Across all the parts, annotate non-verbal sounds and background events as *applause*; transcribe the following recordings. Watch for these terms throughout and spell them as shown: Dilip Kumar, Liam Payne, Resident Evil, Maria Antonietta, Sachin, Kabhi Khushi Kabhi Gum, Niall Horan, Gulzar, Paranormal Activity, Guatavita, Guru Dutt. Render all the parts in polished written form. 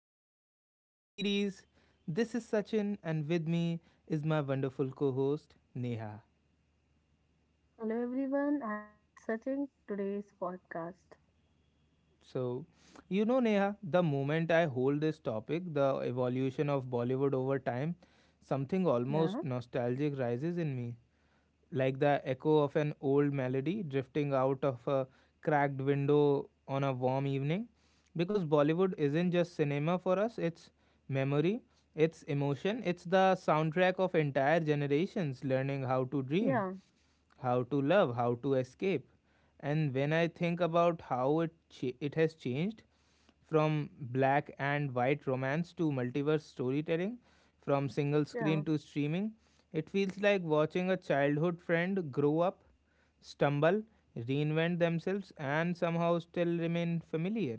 of this podcast series. This is Sachin, and with me is my wonderful co host, Neha. Hello everyone, I'm with Sachin today's podcast. So, Neha, the moment I hold this topic, the evolution of Bollywood over time, something almost Yeah, nostalgic rises in me. Like the echo of an old melody drifting out of a cracked window on a warm evening. Because Bollywood isn't yeah, just cinema for us, it's memory, it's emotion, it's the soundtrack of entire generations learning how to dream, yeah, how to love, how to escape. And when I think about how it has changed from black and white romance to multiverse storytelling, from single yeah. screen to streaming, it feels like watching a childhood friend grow up, stumble, reinvent themselves and somehow still remain familiar.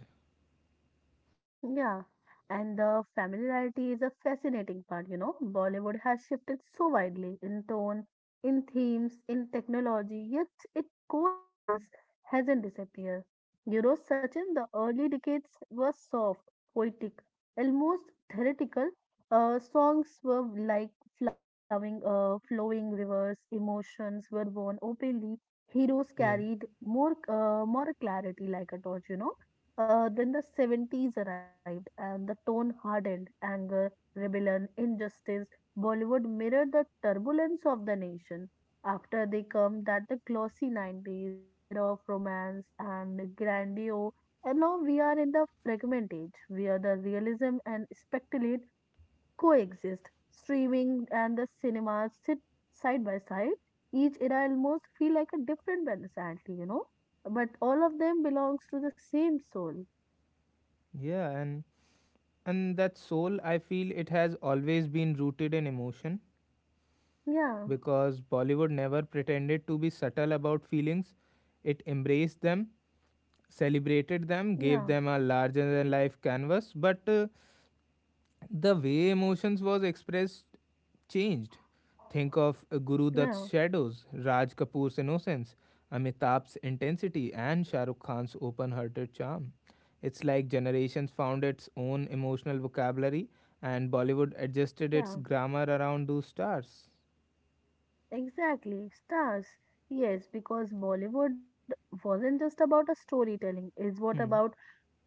Yeah, and the familiarity is a fascinating part. Bollywood has shifted so widely in tone, in themes, in technology, yet its core essence hasn't disappeared. You know, Sachin, the early decades were soft, poetic, almost theoretical. Songs were like flowing rivers, emotions were born openly. Heroes Yeah. carried more clarity, like a torch. Then the 70s arrived and the tone hardened anger, rebellion, injustice. Bollywood mirrored the turbulence of the nation. After they come that the glossy 90s, the era of romance and grandeur, and now we are in the fragment age where the realism and speculate coexist. Streaming and the cinemas sit side by side. Each era almost feel like a different band, sadly, but all of them belongs to the same soul. Yeah, and that soul, I feel it has always been rooted in emotion Yeah, because Bollywood never pretended to be subtle about feelings. It embraced them, celebrated them, yeah, gave them a larger than life canvas, but the way emotions was expressed changed. Think of Guru yeah, Dutt's shadows, Raj Kapoor's innocence, Amitabh's intensity, and Shah Rukh Khan's open hearted charm. It's like generations found its own emotional vocabulary and Bollywood adjusted its yeah, grammar around those stars. exactly. Stars. Yes, because Bollywood wasn't just about a storytelling, it's what Hmm. about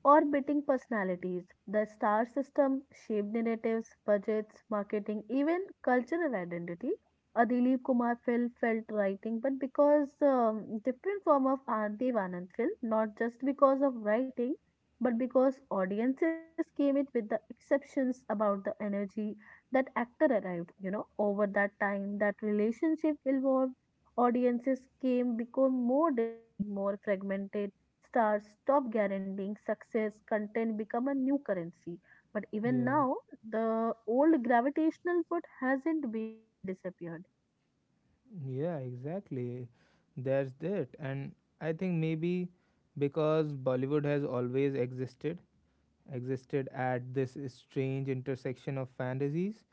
or beating personalities. The star system shaped narratives, budgets, marketing, even cultural identity. A Dilip Kumar film felt writing, but because different form of Anti Anand film, not just because of writing, but because audiences came it with the exceptions about the energy that actor arrived. You know, over that time, that relationship evolved. Audiences came become more demanding, more fragmented, stars stop guaranteeing success, content become a new currency. But even Yeah. now, the old gravitational pull hasn't been fully disappeared. Yeah, exactly. That's it. And I think maybe because Bollywood has always existed, existed at this strange intersection of fantasies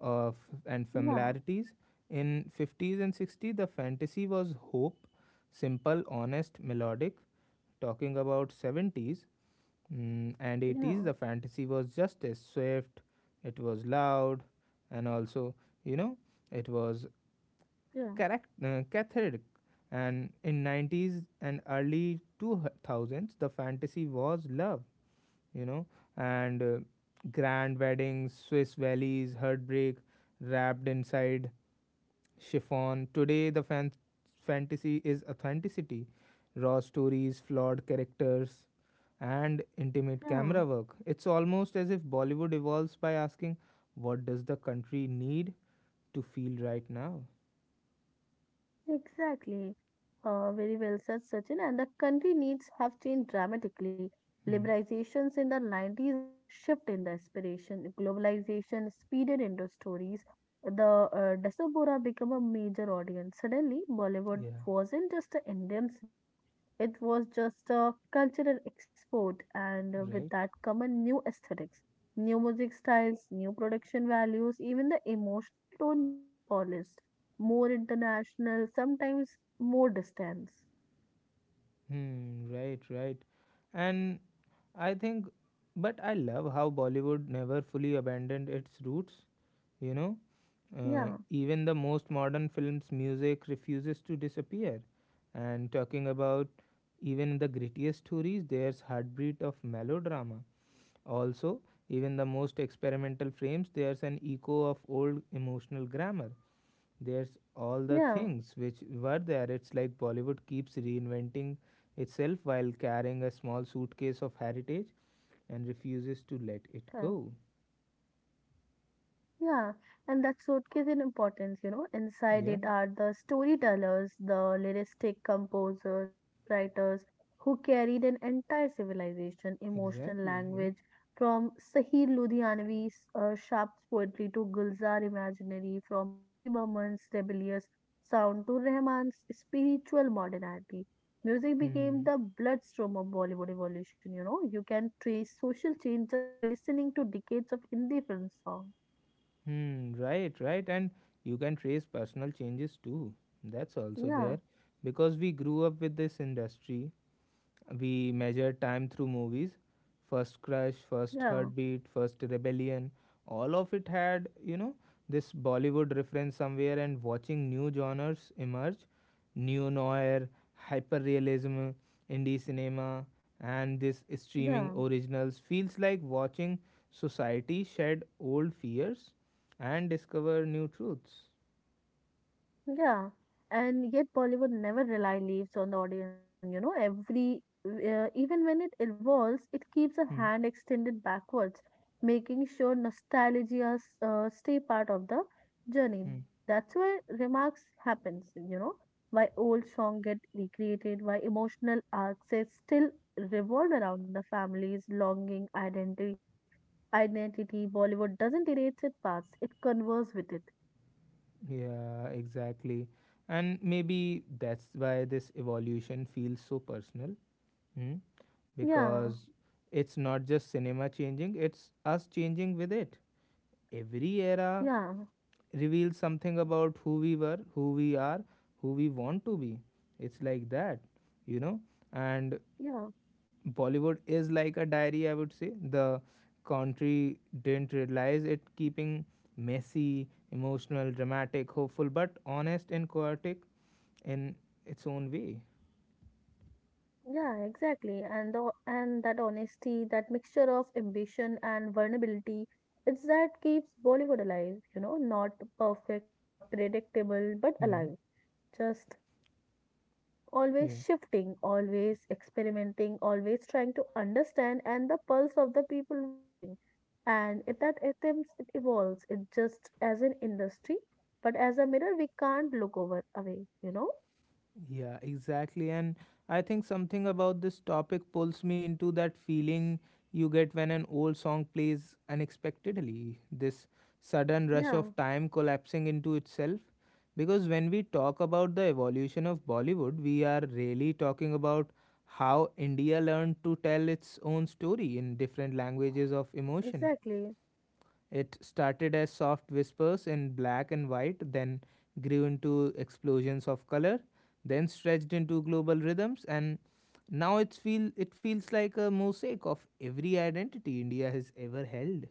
of and Yeah, familiarities. In 50s and 60s, the fantasy was hope, simple, honest, melodic. Talking about 70s and 80s, yeah, the fantasy was justice, swift, it was loud, and also, you know, it was Yeah. correct, cathartic. And in 90s and early 2000s, the fantasy was love, you know, and grand weddings, Swiss valleys, heartbreak, wrapped inside chiffon. Today, the fantasy is authenticity, raw stories, flawed characters, and intimate yeah. camera work. It's almost as if Bollywood evolves by asking, what does the country need to feel right now? Exactly. Very well said, Sachin. And the country needs have changed dramatically. Hmm. Liberalizations in the 90s brought a shift in the aspiration. Globalization speeded into stories. The diaspora became a major audience. Suddenly, Bollywood Yeah, wasn't just an Indian cinema. It was just a cultural export, and with right. that come a new aesthetics, new music styles, new production values. Even the emotional tone become polished more international, sometimes more distance. Hmm, right, right. And I think, but I love how Bollywood never fully abandoned its roots, you know? Yeah, Even the most modern films' music refuses to disappear. And talking about even the grittiest stories, there's heartbeat of melodrama. Also, even the most experimental frames, there's an echo of old emotional grammar, there's all the yeah, things which were there. It's like Bollywood keeps reinventing itself while carrying a small suitcase of heritage and refuses to let yeah. it go. Yeah, and that suitcase in importance. Inside Yeah, it are the storytellers, the lyristic composers, scriptwriters who carried an entire civilization, emotional exactly. Yeah. language from Sahir Ludhianvi's Sharp's poetry to Gulzar imaginary, from R.D. Burman's rebellious sound to Rahman's spiritual modernity. Music became Hmm. the bloodstream of Bollywood evolution, you know. You can trace social change just by listening to decades of indie film songs. Hmm. Right, right. And you can trace personal changes too. That's also Yeah, there because we grew up with this industry. We measure time through movies. First crush, first yeah, heartbeat, first rebellion. All of it had, you know, this Bollywood reference somewhere, and watching new genres emerge, neo noir, hyperrealism, indie cinema, and this streaming yeah. originals feels like watching society shed old fears and discover new truths. Yeah, and yet Bollywood never rely leaves on the audience when you know every even when it evolves, it keeps a Hmm, hand extended backwards, making sure nostalgia stay part of the journey. hmm. That's why remarks happens, why old song get recreated, why emotional arcs that still revolve around the family's longing identity. Identity Bollywood doesn't erase its past; it converses with it. Yeah, exactly. And maybe that's why this evolution feels so personal. Hmm? Yeah, Because it's not just cinema changing, it's us changing with it. Every era yeah. reveals something about who we were, who we are, who we want to be. It's like that, you know? And Yeah, Bollywood is like a diary, I would say. The country didn't realize it, keeping messy, emotional, dramatic, hopeful, but honest and chaotic in its own way. yeah, exactly. And the and that honesty, that mixture of ambition and vulnerability, it's that keeps Bollywood alive, not perfect, not predictable, but Hmm. alive. Just always Yeah. shifting, always experimenting, always trying to understand and the pulse of the people watching. And it that attempts it evolves, it just as an industry, but as a mirror we can't look over away, you know? Yeah, exactly. And I think something about this topic pulls me into that feeling you get when an old song plays unexpectedly. This sudden rush Yeah, of time collapsing into itself. Because when we talk about the evolution of Bollywood, we are really talking about how India learned to tell its own story in different languages of emotion. exactly. It started as soft whispers in black and white, then grew into explosions of color, then stretched into global rhythms, and now it feels like a mosaic of every identity India has ever held.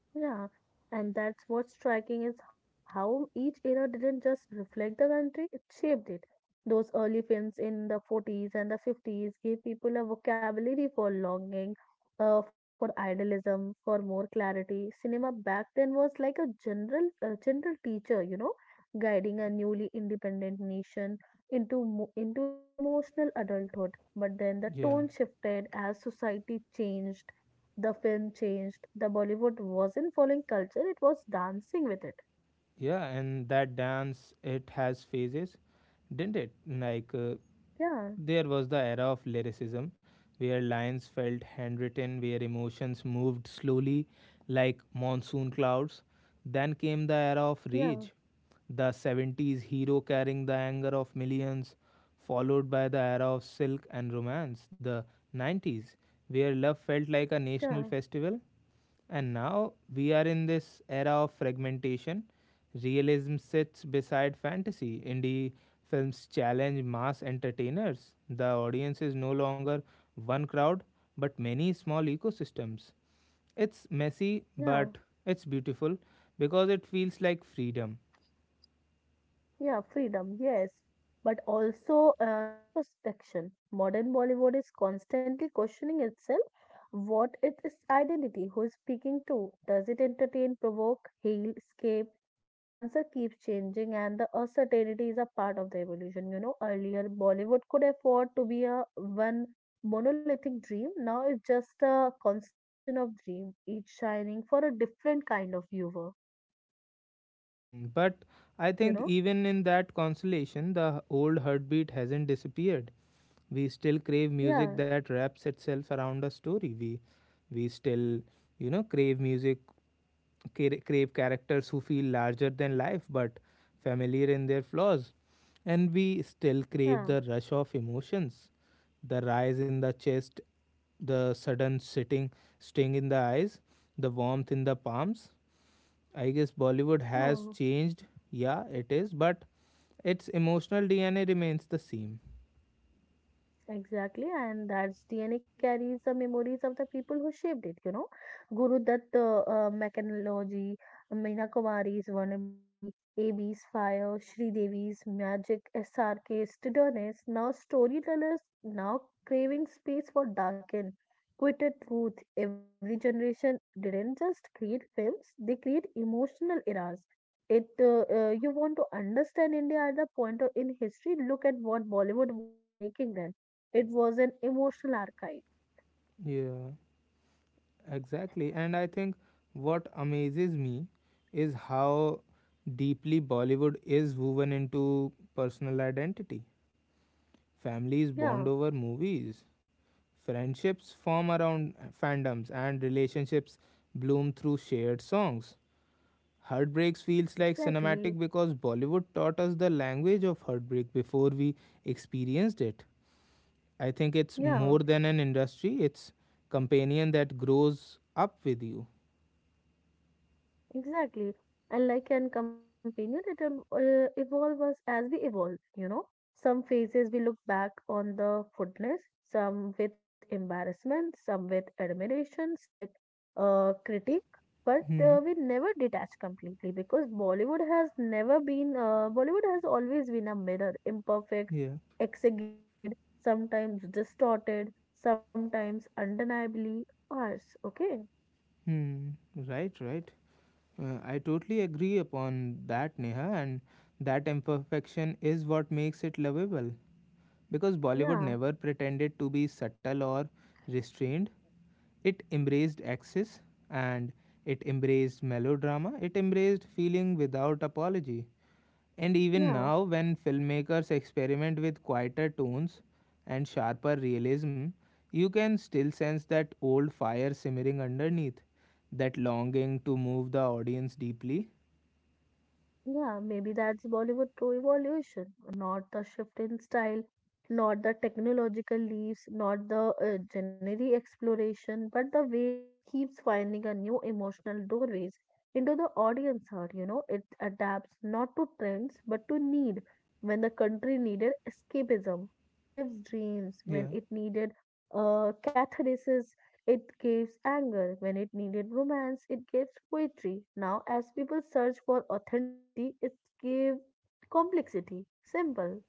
Yeah, and that's what's striking is how each era didn't just reflect the country, it shaped it. Those early films in the 40s and the 50s gave people a vocabulary for longing, for idealism, for more clarity. Cinema back then was like a general teacher, guiding a newly independent nation into its emotional adulthood. But then the Yeah, tone shifted as society changed the film changed. The Bollywood wasn't following culture, it was dancing with it. yeah, and that dance, it has phases, didn't it? Yeah, There was the era of lyricism where lines felt handwritten, where emotions moved slowly like monsoon clouds. Then came the era of yeah, rage, the 70s hero carrying the anger of millions, followed by the era of silk and romance, the 90s, where love felt like a yeah, national festival, and now we are in this era of fragmentation. Realism sits beside fantasy. Indie films challenge mass entertainers. The audience is no longer one crowd, but many small ecosystems. It's messy, yeah. but it's beautiful because it feels like freedom. Yeah, freedom, yes, but also introspection. Modern Bollywood is constantly questioning itself what it is identity, who is speaking to, does it entertain, provoke, heal, escape? The answer keeps changing, and the uncertainty is a part of the evolution. You know, earlier Bollywood could afford to be a one monolithic dream. Now it's just a constellation of dreams, each shining for a different kind of viewer. Mm, but I You think know? even in that consolation, the old heartbeat hasn't disappeared. We still crave music Yeah, that wraps itself around a story. We still, you know, crave music, crave characters who feel larger than life but familiar in their flaws. And we still crave yeah, the rush of emotions, the rise in the chest, the sudden sitting sting in the eyes, the warmth in the palms. I guess Bollywood yeah. has changed. Yeah, it is, but its emotional DNA remains the same. Exactly, and that's DNA carries the memories of the people who shaped it. Guru Dutt mechanology, Meena Kumari's vulnerability, A B's fire, Sri Devi's magic, S R SRK's stubbornness, now storytellers now craving space for darken, quitted truth. Every generation didn't just create films, they create emotional eras. It you want to understand India at the point of in history, look at what Bollywood was making then it was an emotional archive. Yeah. Exactly. And I think what amazes me is how deeply Bollywood is woven into personal identity. Families Yeah, bond over movies, friendships form around fandoms, and relationships bloom through shared songs. Heartbreaks feels like exactly. cinematic because Bollywood taught us the language of heartbreak before we experienced it. I think it's more Yeah. than an industry, it's companion that grows up with you. Exactly. And like an companion, it will evolve us as we evolve. Some phases we look back on the footness, some with embarrassment, some with admiration, some with critique. But Hmm. We never detach completely because Bollywood has never Bollywood has always been a mirror, imperfect, Yeah. exaggerated, sometimes distorted, sometimes undeniably ours. Okay. Hmm. Right, right. I totally agree upon that, Neha, and that imperfection is what makes it lovable. Because Bollywood Yeah. never pretended to be subtle or restrained. It embraced excess and it embraced melodrama. It embraced feeling without apology. And even Yeah. now, when filmmakers experiment with quieter tones and sharper realism, you can still sense that old fire simmering underneath, that longing to move the audience deeply. Yeah, maybe that's Bollywood true evolution, not the shift in style, not the technological leaps, not the generic exploration, but the way it keeps finding a new emotional doorways into the audience heart. You know, it adapts not to trends but to need. When the country needed escapism, it gives dreams. When Yeah. it needed catharsis, it gives anger when it needed romance. It gives poetry. Now, as people search for authenticity, it gives complexity. Simple.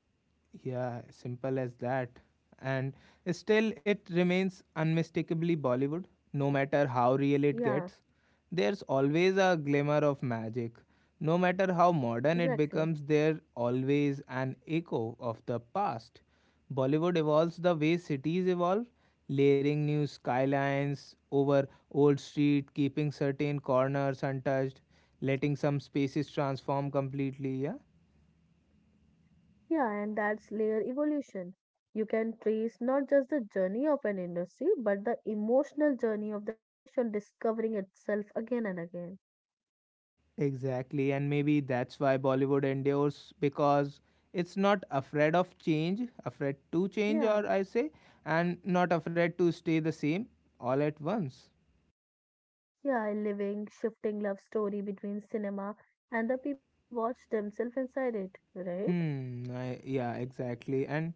Yeah, simple as that. And still, it remains unmistakably Bollywood, no matter how real Yeah, it gets. There's always a glimmer of magic. No matter how modern it exactly. becomes, there's always an echo of the past. Bollywood evolves the way cities evolve, layering new skylines over old street, keeping certain corners untouched, letting some spaces transform completely. Yeah, Yeah, and that's layer evolution. You can trace not just the journey of an industry, but the emotional journey of the nation discovering itself again and again. exactly, and maybe that's why Bollywood endures because it's not afraid of change, afraid to change, Yeah, or I say, and not afraid to stay the same all at once. yeah, a living, shifting love story between cinema and the people who watch themselves inside it, right? Hmm, I, yeah, exactly. And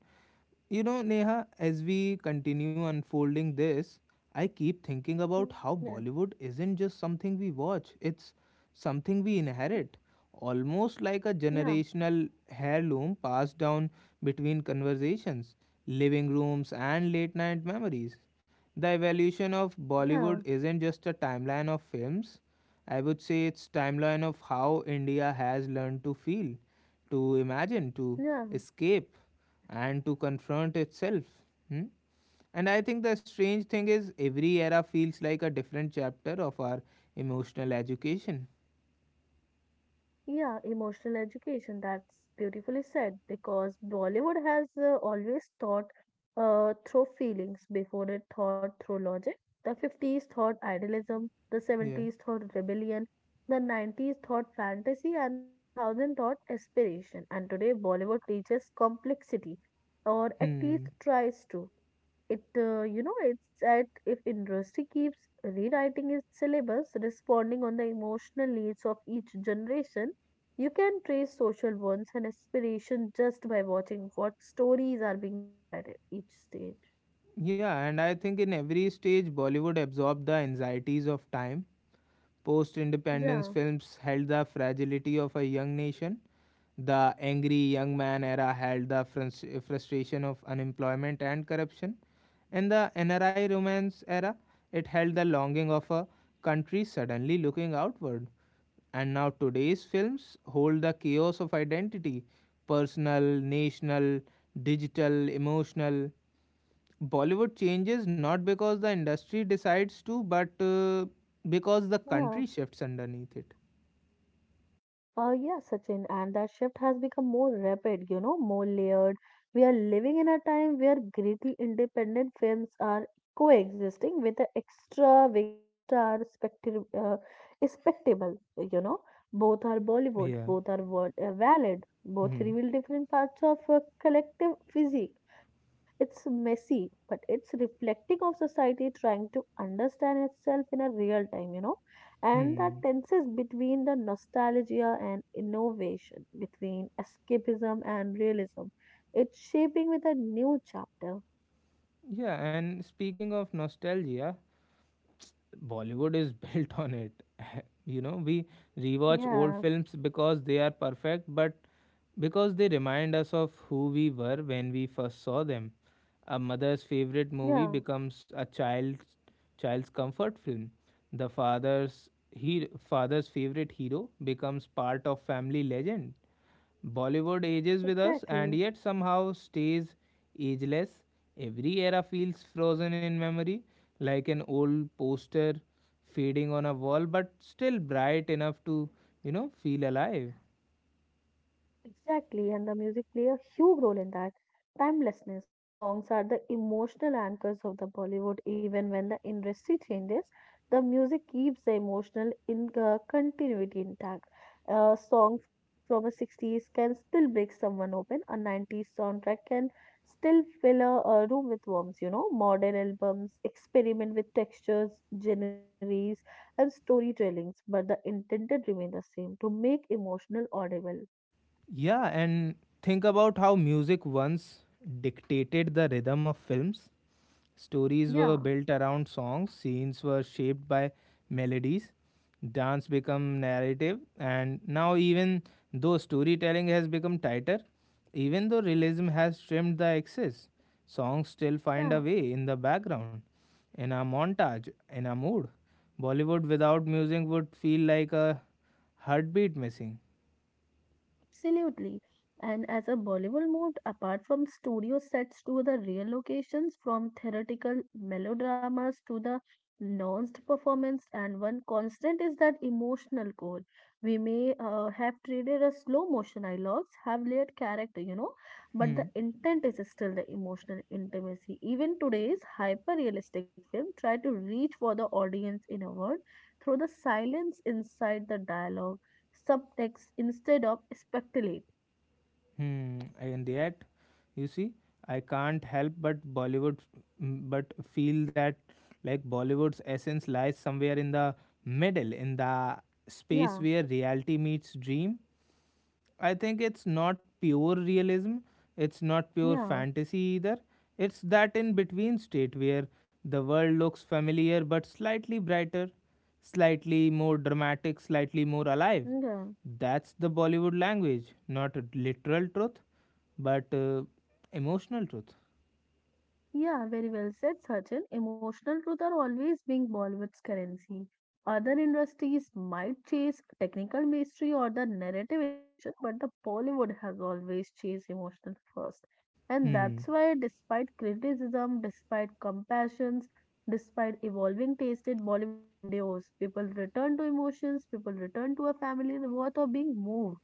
you know, Neha, as we continue unfolding this, I keep thinking about Yeah, how Bollywood isn't just something we watch, it's something we inherit, almost like a yeah, generational heirloom passed down between conversations, living rooms, and late night memories. The evolution of yeah. Bollywood isn't just a timeline of films. I would say it's timeline of how India has learned to feel, to imagine, to Yeah, escape and to confront itself. Hmm? And I think the strange thing is, every era feels like a different chapter of our emotional education. yeah, emotional education. That's beautifully said because Bollywood has always thought through feelings before it thought through logic. The 50s thought idealism, the Yeah. 70s thought rebellion, the 90s thought fantasy, and the 2000 thought aspiration. And today, Bollywood teaches complexity or at least Hmm. tries to. It's at if industry keeps rewriting its syllabus, responding on the emotional needs of each generation, you can trace social wants and aspirations just by watching what stories are being told at each stage. Yeah, and I think in every stage, Bollywood absorbed the anxieties of time. Post Yeah, independence films held the fragility of a young nation. The angry young man era held the frustration of unemployment and corruption. In the NRI romance era, it held the longing of a country suddenly looking outward. And now today's films hold the chaos of identity, personal, national, digital, emotional. Bollywood changes not because the industry decides to, but because the Yeah, country shifts underneath it. Uh, yeah, Sachin, and that shift has become more rapid, more layered. We are living in a time where gritty independent films are coexisting with the extravagant star spectacle, you know. Both are Bollywood, Yeah. both are valid, both Hmm. reveal different parts of a collective physique. It's messy, but it's reflecting of society trying to understand itself in a real time, and that Hmm. tenses between the nostalgia and innovation, between escapism and realism. It's shaping with a new chapter. Yeah, and speaking of nostalgia, Bollywood is *laughs* built on it. *laughs* you know, we rewatch old Yeah, films because they are perfect, but because they remind us of who we were when we first saw them. A mother's favorite movie yeah, becomes a child's comfort film. The father's favorite hero becomes part of family legend. Bollywood ages with us and exactly. yet somehow stays ageless. Every era feels frozen in memory, like an old poster fading on a wall, but still bright enough to, you know, feel alive. Exactly, and the music play a huge role in that timelessness. Songs are the emotional anchors of the Bollywood. Even when the industry changes, the music keeps the emotional in continuity intact. A song from a 60s can still break someone open. A 90s soundtrack can still fill a room with warmth. You know, modern albums experiment with textures, genres, and storytellings, but the intended remain the same to make emotional audible. Yeah, and think about how music once dictated the rhythm of films. Stories were Yeah, built around songs, scenes were shaped by melodies, dance became narrative, and now, even though storytelling has become tighter, even though realism has trimmed the excess, songs still find a yeah, way in the background, in a montage, in a mood. Bollywood without music would feel like a heartbeat missing. absolutely. And as a Bollywood moved apart from studio sets to the real locations, from theatrical melodramas to the nuanced performance, and one constant is that emotional core. We may have traded a slow motion dialogues, have layered character, but Hmm. the intent is still the emotional intimacy. Even today's hyper realistic film try to reach for the audience in a word through the silence inside the dialogue subtext instead of speculate. Hmm. And yet, you see, I can't help but Bollywood, mm, but feel that like Bollywood's essence lies somewhere in the middle, in the space Yeah, where reality meets dream. I think it's not pure realism, it's not pure yeah, fantasy either. It's that in between state where the world looks familiar but slightly brighter, slightly more dramatic, slightly more alive. yeah, That's the Bollywood language, not a literal truth, but emotional truth. yeah, very well said, Sachin. Emotional truth are always being Bollywood's currency. Other industries might chase technical mystery or the narrative innovation, but the Bollywood has always chased emotional first. And Hmm. that's why, despite criticism, despite compassions, despite evolving taste in Bollywood endures. People return to emotions, people return to a family worth of being moved.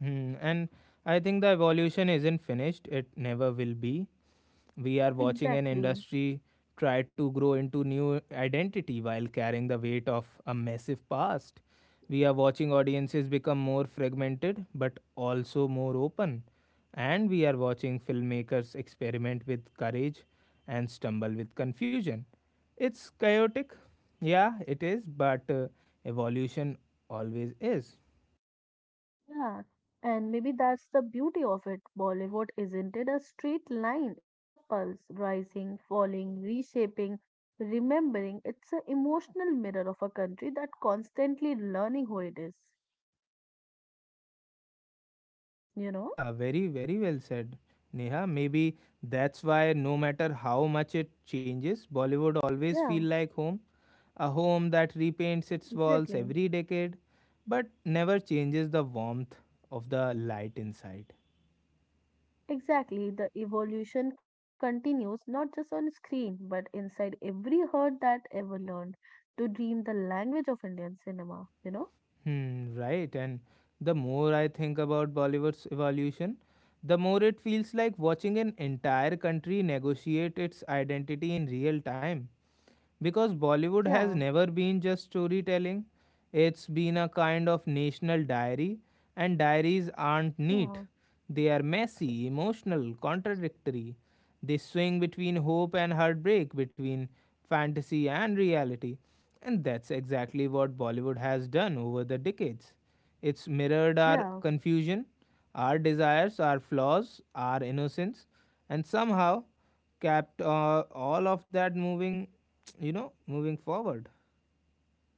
Hmm. And I think the evolution isn't finished, it never will be. We are watching an Exactly. industry try to grow into new identity while carrying the weight of a massive past. We are watching audiences become more fragmented but also more open. And we are watching filmmakers experiment with courage and stumble with confusion. It's chaotic, yeah, it is, but evolution always is. Yeah, and maybe that's the beauty of it. Bollywood isn't it a straight line, it's a pulse, rising, falling, reshaping, remembering. It's an emotional mirror of a country that constantly learning who it is, you know? Yeah, very, very well said, Neha. Maybe that's why no matter how much it changes, Bollywood always feel Yeah, like home, a home that repaints its exactly. walls every decade, but never changes the warmth of the light inside. Exactly. The evolution continues not just on screen, but inside every heart that ever learned to dream the language of Indian cinema, you know? Hmm, right. And the more I think about Bollywood's evolution, the more it feels like watching an entire country negotiate its identity in real time. Because Bollywood has Yeah, never been just storytelling. It's been a kind of national diary, and diaries aren't neat. yeah, They are messy, emotional, contradictory. They swing between hope and heartbreak, between fantasy and reality. And that's exactly what Bollywood has done over the decades. It's mirrored our yeah. confusion, our desires, our flaws, our innocence, and somehow kept all of that moving, you know, moving forward.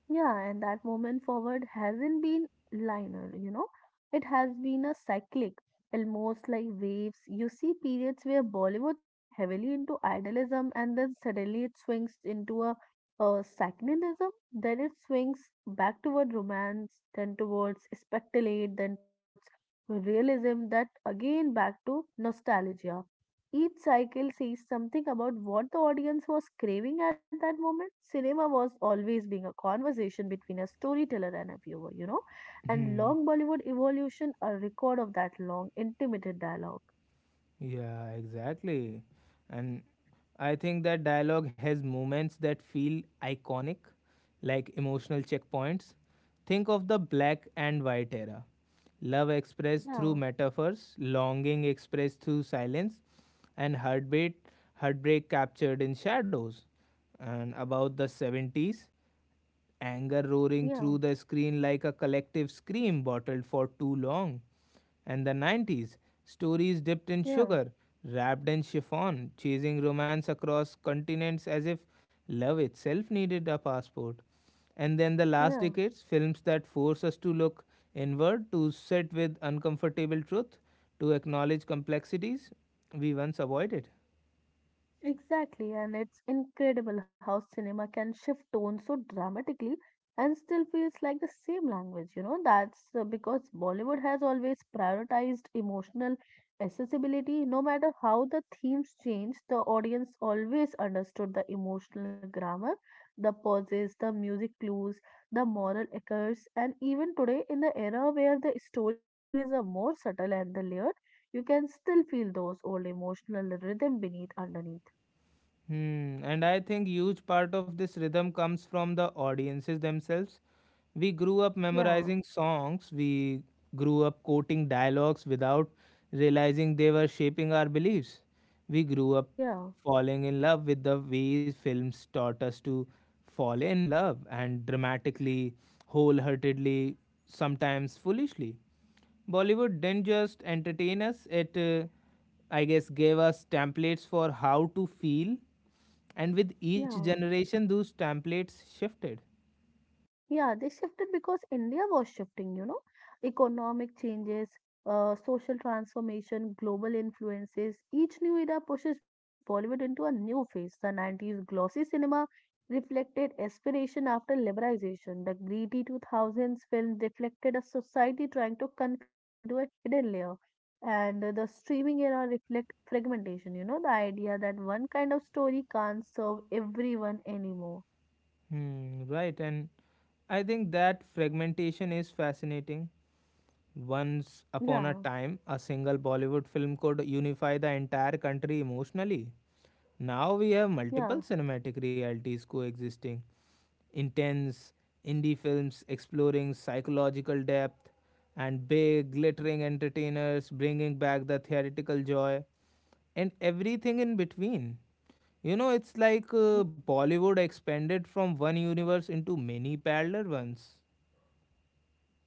Yeah, and that moment forward hasn't been linear. It has been a cyclic, almost like waves. You see periods where Bollywood slung heavily into idealism and then suddenly it swings into a secularism. Then it swings back toward romance, then towards speculate, then towards realism, that again back to nostalgia. Each cycle says something about what the audience was craving at that moment. Cinema was always being a conversation between a storyteller and a viewer. And Hmm. long Bollywood evolution, a record of that long, intimate dialogue. Yeah, exactly. And I think that dialogue has moments that feel iconic, like emotional checkpoints. Think of the black and white era. Love expressed through Yeah, metaphors, longing expressed through silence, and heartbeat heartbreak captured in shadows. And about the 70s, anger roaring yeah, through the screen like a collective scream bottled for too long, and the 90s, stories dipped in yeah, sugar, wrapped in chiffon, chasing romance across continents as if love itself needed a passport. And then the last yeah. decades, films that force us to look inward, to sit with uncomfortable truth, to acknowledge complexities we once avoided. Exactly, and it's incredible how cinema can shift tone so dramatically and still feels like the same language, you know. That's because Bollywood has always prioritized emotional accessibility. No matter how the themes change, the audience always understood the emotional grammar, the pauses, the music clues, the moral echoes, and even today, in the era where the storytelling is a more subtle and the layered, you can still feel those old emotional rhythm beneath underneath. Hmm, and I think huge part of this rhythm comes from the audiences themselves. We grew up Yeah, memorizing songs, we grew up quoting dialogues without realizing they were shaping our beliefs. We grew up yeah, falling in love with the ways films taught us to fall in love and dramatically, wholeheartedly, sometimes foolishly. Bollywood didn't just entertain us, it I guess, gave us templates for how to feel and with each yeah, generation those templates shifted. yeah. They shifted because India was shifting, you know, economic changes, social transformation, global influences. Each new era pushes Bollywood into a new phase. The 90s glossy cinema reflected aspiration after liberalization. The greedy 2000s film reflected a society trying to confront into a hidden layer. And the streaming era reflect fragmentation, you know, the idea that one kind of story can't serve everyone anymore. Hmm, right, and I think that fragmentation is fascinating. Once upon a Yeah, time a single Bollywood film could unify the entire country emotionally. Now we have yeah, multiple cinematic realities coexisting, intense indie films exploring psychological depth and big yeah, glittering entertainers bringing back the theoretical joy and everything in between. You know, it's like mm, Bollywood expanded from one universe into many parallel ones.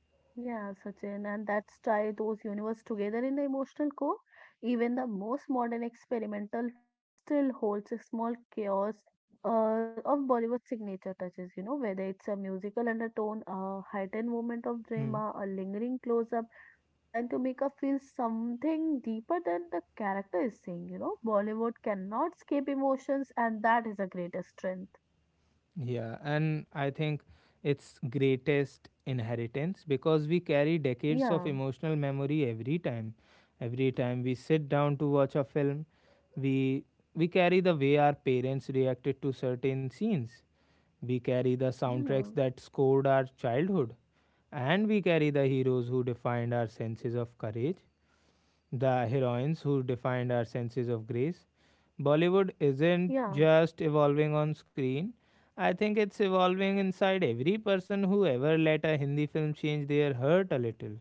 yeah, Sachin. And that's tie those universe together in the emotional core. Even the most modern experimental form still holds a small chaos of Bollywood signature touches, you know, whether it's a musical undertone, a heightened moment of Hmm. drama, a lingering close-up designed to make us feel something deeper than the character is saying, you know. Bollywood cannot escape emotions, and that is a greatest strength. Yeah, and I think it's greatest inheritance because we carry decades of Yeah, emotional memory every time. Every time we sit down to watch a film, we we carry the way our parents reacted to certain scenes. We carry the yeah, soundtracks that scored our childhood, and we carry the heroes who defined our senses of courage, the heroines who defined our senses of grace. Bollywood isn't yeah. just evolving on screen. I think it's evolving inside every person who ever let a Hindi film change their heart a little.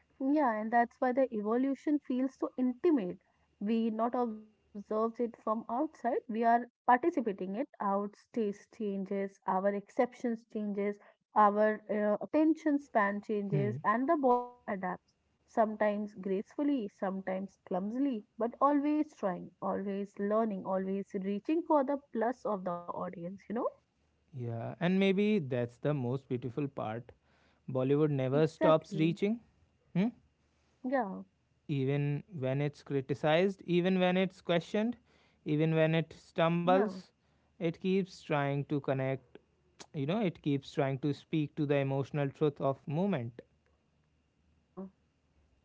Yeah, and that's why the evolution feels so intimate. We not observe it from outside, we are participating it. Our taste changes, our exceptions changes, our attention span Hmm. changes, and the Bollywood adapts. Sometimes gracefully, sometimes clumsily, but always trying, always learning, always reaching for the plus of the audience, you know? Yeah, and maybe that's the most beautiful part. Bollywood never stops Exactly. reaching. Hmm? Yeah, Even when it's criticized, even when it's questioned, even when it yeah, stumbles. It keeps trying to connect, you know, it keeps trying to speak to the emotional truth of movement. yeah.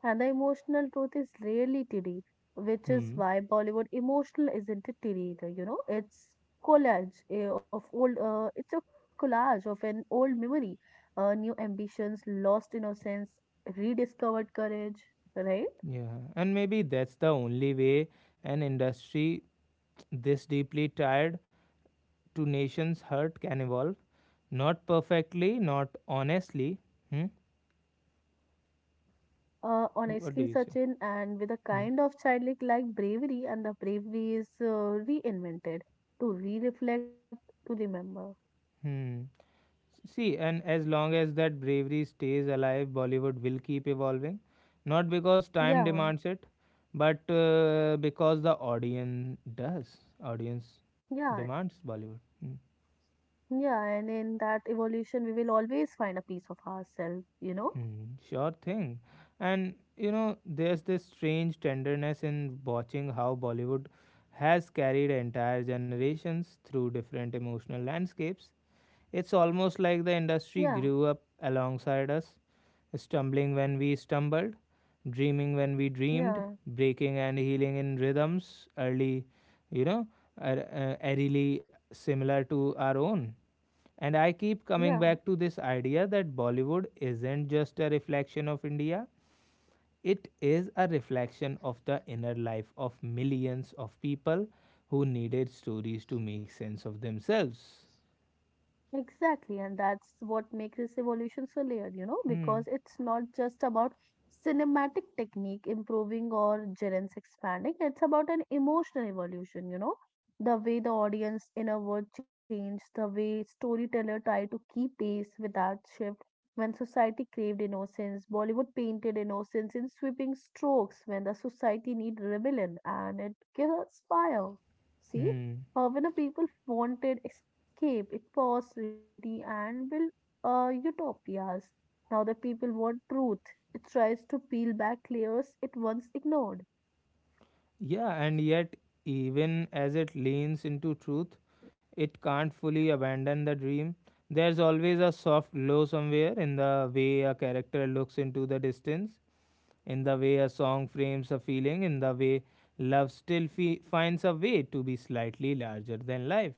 And the emotional truth is rarely teary, which is Hmm. why Bollywood emotional isn't a teary either, you know. It's collage eh, of old, it's a collage of an old memory, new ambitions, lost innocence, rediscovered courage, right? Yeah, and maybe that's the only way an industry this deeply tied to nations' hurt can evolve. Not perfectly, not honestly. Hmm? Yeah. What do Honestly, you say? Sachin, and with a Hmm. kind of childlike bravery, and the bravery is reinvented to re-reflect, to remember. Hmm. See, and as long as that bravery stays alive, Bollywood will keep evolving. Not because time Yeah, demands it, but because the audience does. Audience yeah, demands Bollywood. Mm, yeah, and in that evolution, we will always find a piece of ourselves, you know? mm, sure thing. And you know, there's this strange tenderness in watching how Bollywood has carried entire generations through different emotional landscapes. It's almost like the Yeah, industry grew up alongside us, stumbling when we stumbled, dreaming when we yeah, dreamed, breaking and healing in rhythms early, you know, eerily similar to our own. And I keep yeah. coming back to this idea that Bollywood isn't just a reflection of India, it is a reflection of the inner life of millions of people who needed stories to make sense of themselves. Exactly, and that's what makes this evolution so layered, you know, Hmm. because it's not just about cinematic technique improving or gerents expanding, it's about an emotional evolution, you know, the way the audience inward changed, the way storyteller tried to keep pace with that shift. When society craved innocence, Bollywood painted innocence in sweeping strokes. When the society need rebellion, and it gives us fire. See, Hmm. When the people wanted escape, it was reality and built utopias. Now the people want truth. It tries to peel back layers it once ignored. Yeah, and yet, even as it leans into truth, it can't fully abandon the dream. There's always a soft glow somewhere in the way a character looks into the distance, in the way a song frames a feeling, in the way love still finds a way to be slightly larger than life.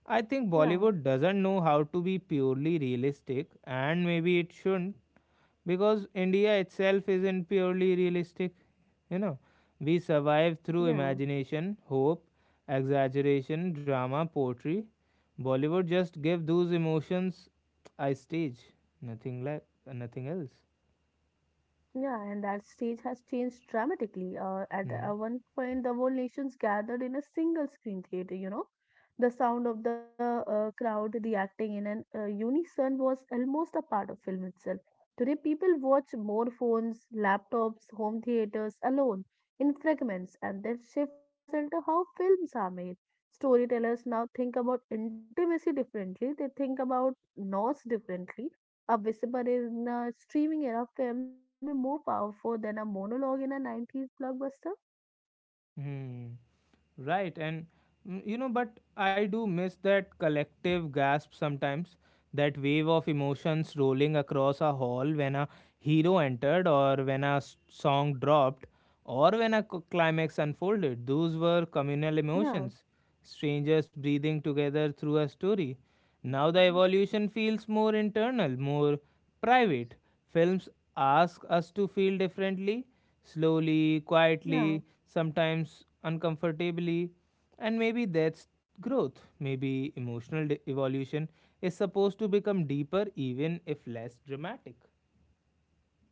I think Yeah, Bollywood doesn't know how to be purely realistic, and maybe it shouldn't because India itself isn't purely realistic. You know, we survive through yeah. imagination, hope, exaggeration, drama, poetry. Bollywood just give those emotions I stage, nothing like nothing else. Yeah, and that stage has changed dramatically. At Hmm. one point, the whole nation's gathered in a single screen theater, you know. The sound of the crowd reacting in an unison was almost a part of film itself. Today, people watch more phones, laptops, home theaters alone in fragments, and that shift has into how films are made. Storytellers now think about intimacy differently, they think about loss differently. A whisper in a streaming era films can be more powerful than a monologue in a 90s blockbuster. Hmm. Right, and mm, you know, but I do miss that collective gasp sometimes, that wave of emotions rolling across a hall when a hero entered, or when a song dropped, or when a climax unfolded. Those were communal Yeah, emotions, strangers breathing together through a story. Now the evolution feels more internal, more private. Films ask us to feel differently, slowly, yeah. quietly, sometimes uncomfortably, and maybe that's growth. Maybe emotional evolution is supposed to become deeper even if less dramatic.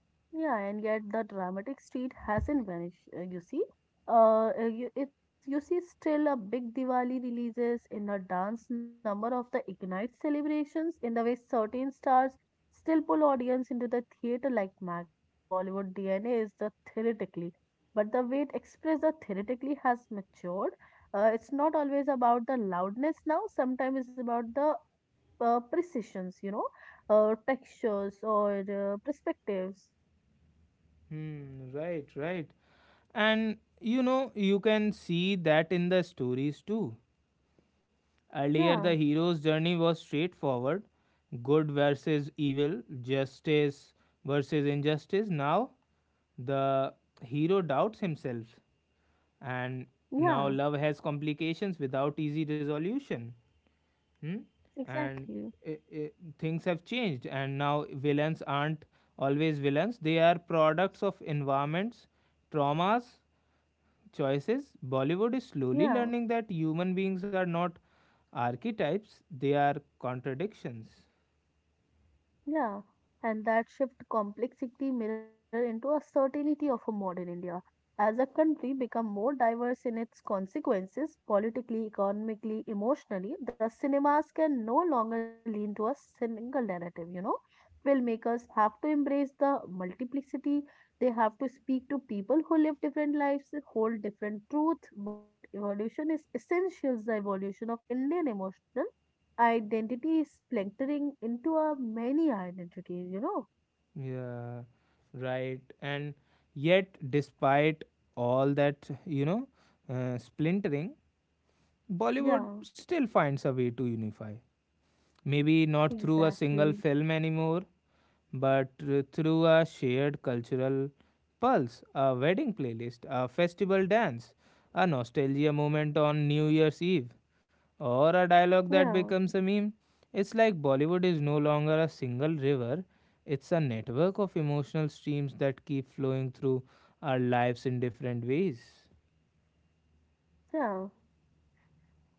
Yeah, and yet the dramatic street hasn't vanished. You see, you see still a big Diwali releases in a dance number of the Ignite celebrations. In the way certain stars still pull audience into the theater like magnets. Bollywood DNA is the theoretically, but the way it expressed the theoretically has matured. It's not always about the loudness now. Sometimes it's about the precisions. You know, textures or perspectives. Hmm, right, right. And you know, you can see that in the stories too. Earlier, the Yeah, hero's journey was straightforward, good versus evil, justice versus injustice. Now, the hero doubts himself, and now yeah, love has complications without easy resolution. Hmm? And exactly. I things have changed, and now villains aren't always villains, they are products of environments, traumas, choices. Bollywood is slowly Yeah, learning that human beings are not archetypes, they are contradictions. yeah. And that shift complexity mirror into a certainty of a modern India. As a country become more diverse in its consequences, politically, economically, emotionally, the cinemas can no longer lean to a single narrative, you know. Filmmakers have to embrace the multiplicity. They have to speak to people who live different lives, hold different truth. Bollywood evolution is essential the evolution of Indian emotional identity is splintering into a many identities, you know? Yeah, right. And yet, despite all that, you know, splintering, Bollywood Yeah, still finds a way to unify. Maybe not through a single exactly. film anymore, but through a shared cultural pulse, a wedding playlist, a festival dance, a nostalgia moment on New Year's Eve, or a dialogue that Yeah, becomes a meme. It's like Bollywood is no longer a single river, it's a network of emotional streams that keep flowing through our lives in different ways. yeah.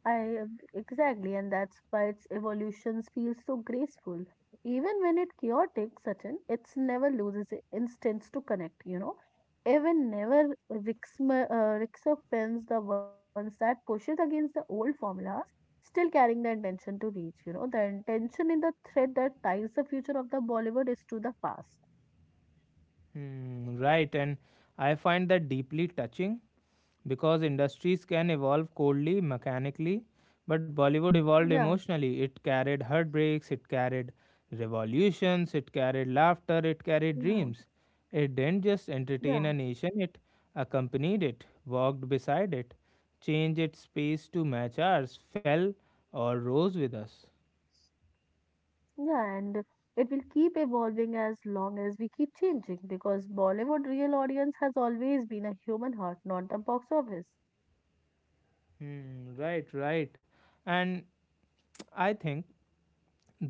I Exactly, and that's why its evolutions feel so graceful. Even when it chaotic, Sachin, it's never loses instance to connect, you know. Even never rexopends the ones that pushes against the old formulas, still carrying the intention to reach, you know, the intention in the thread that ties the future of the Bollywood is to the past. Hmm, right, and I find that deeply touching because industries can evolve coldly, mechanically, but Bollywood evolved Yeah, emotionally. It carried heartbreaks, it carried revolutions, it carried laughter, it carried yeah, dreams. It didn't just yeah, entertain a nation, it accompanied it, walked beside it, changed its pace to match ours, fell or rose with us. yeah, and it will keep evolving as long as we keep changing because Bollywood real audience has always been a human heart, not a box office. Hmm, right, right. And *tsk* I think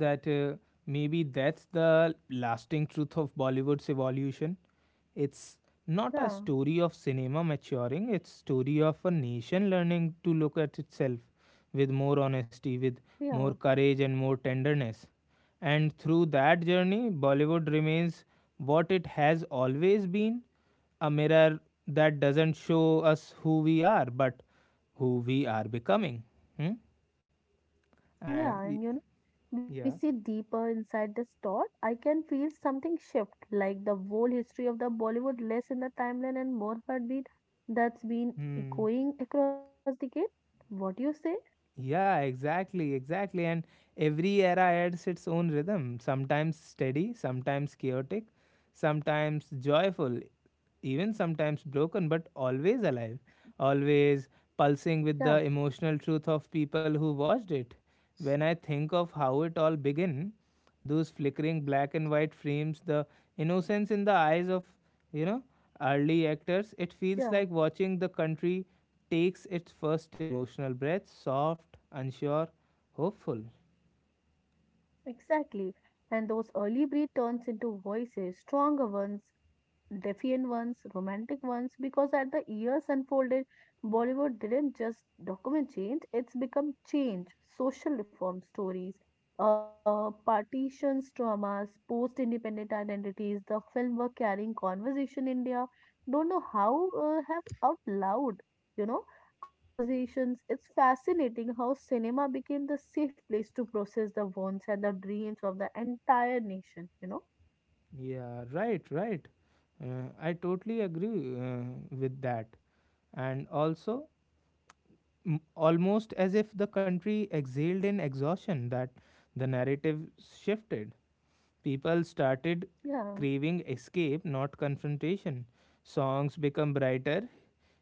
that maybe that's the lasting truth of Bollywood's evolution. It's not Yeah, a story of cinema maturing, it's story of a nation learning to look at itself with more honesty, with yeah, more courage and more tenderness. And through that journey, Bollywood remains what it has always been, a mirror that doesn't show us who we are, but who we are becoming. Hmm? yeah, Uh, and y- you know, we see yeah. deeper inside the thought. I can feel something shift, like the whole history of the Bollywood less in the timeline and more heartbeat that's been Hmm. echoing across the gate. What do you say? Yeah, exactly, exactly. And every era adds its own rhythm, sometimes steady, sometimes chaotic, sometimes joyful, even sometimes broken, but always alive, always pulsing with Yeah, the emotional truth of people who watched it. When I think of how it all began, those flickering black and white frames, the innocence in the eyes of, you know, early actors. It feels yeah. like watching the country takes its first emotional breath, soft, unsure, hopeful. Exactly. And those early breed turns into voices, stronger ones, defiant ones, romantic ones, because as the years unfolded, Bollywood didn't just document change, it's become change, social reform stories, partitions, traumas, post independent identities. The film were carrying conversation India. Don't know how have out loud, you know, conversations. It's fascinating how cinema became the safe place to process the wants and the dreams of the entire nation, you know? Yeah, right, right. I totally agree with that. And also, almost as if the country exhaled in exhaustion, that the narrative shifted. People started Yeah, craving escape, not confrontation. Songs become brighter,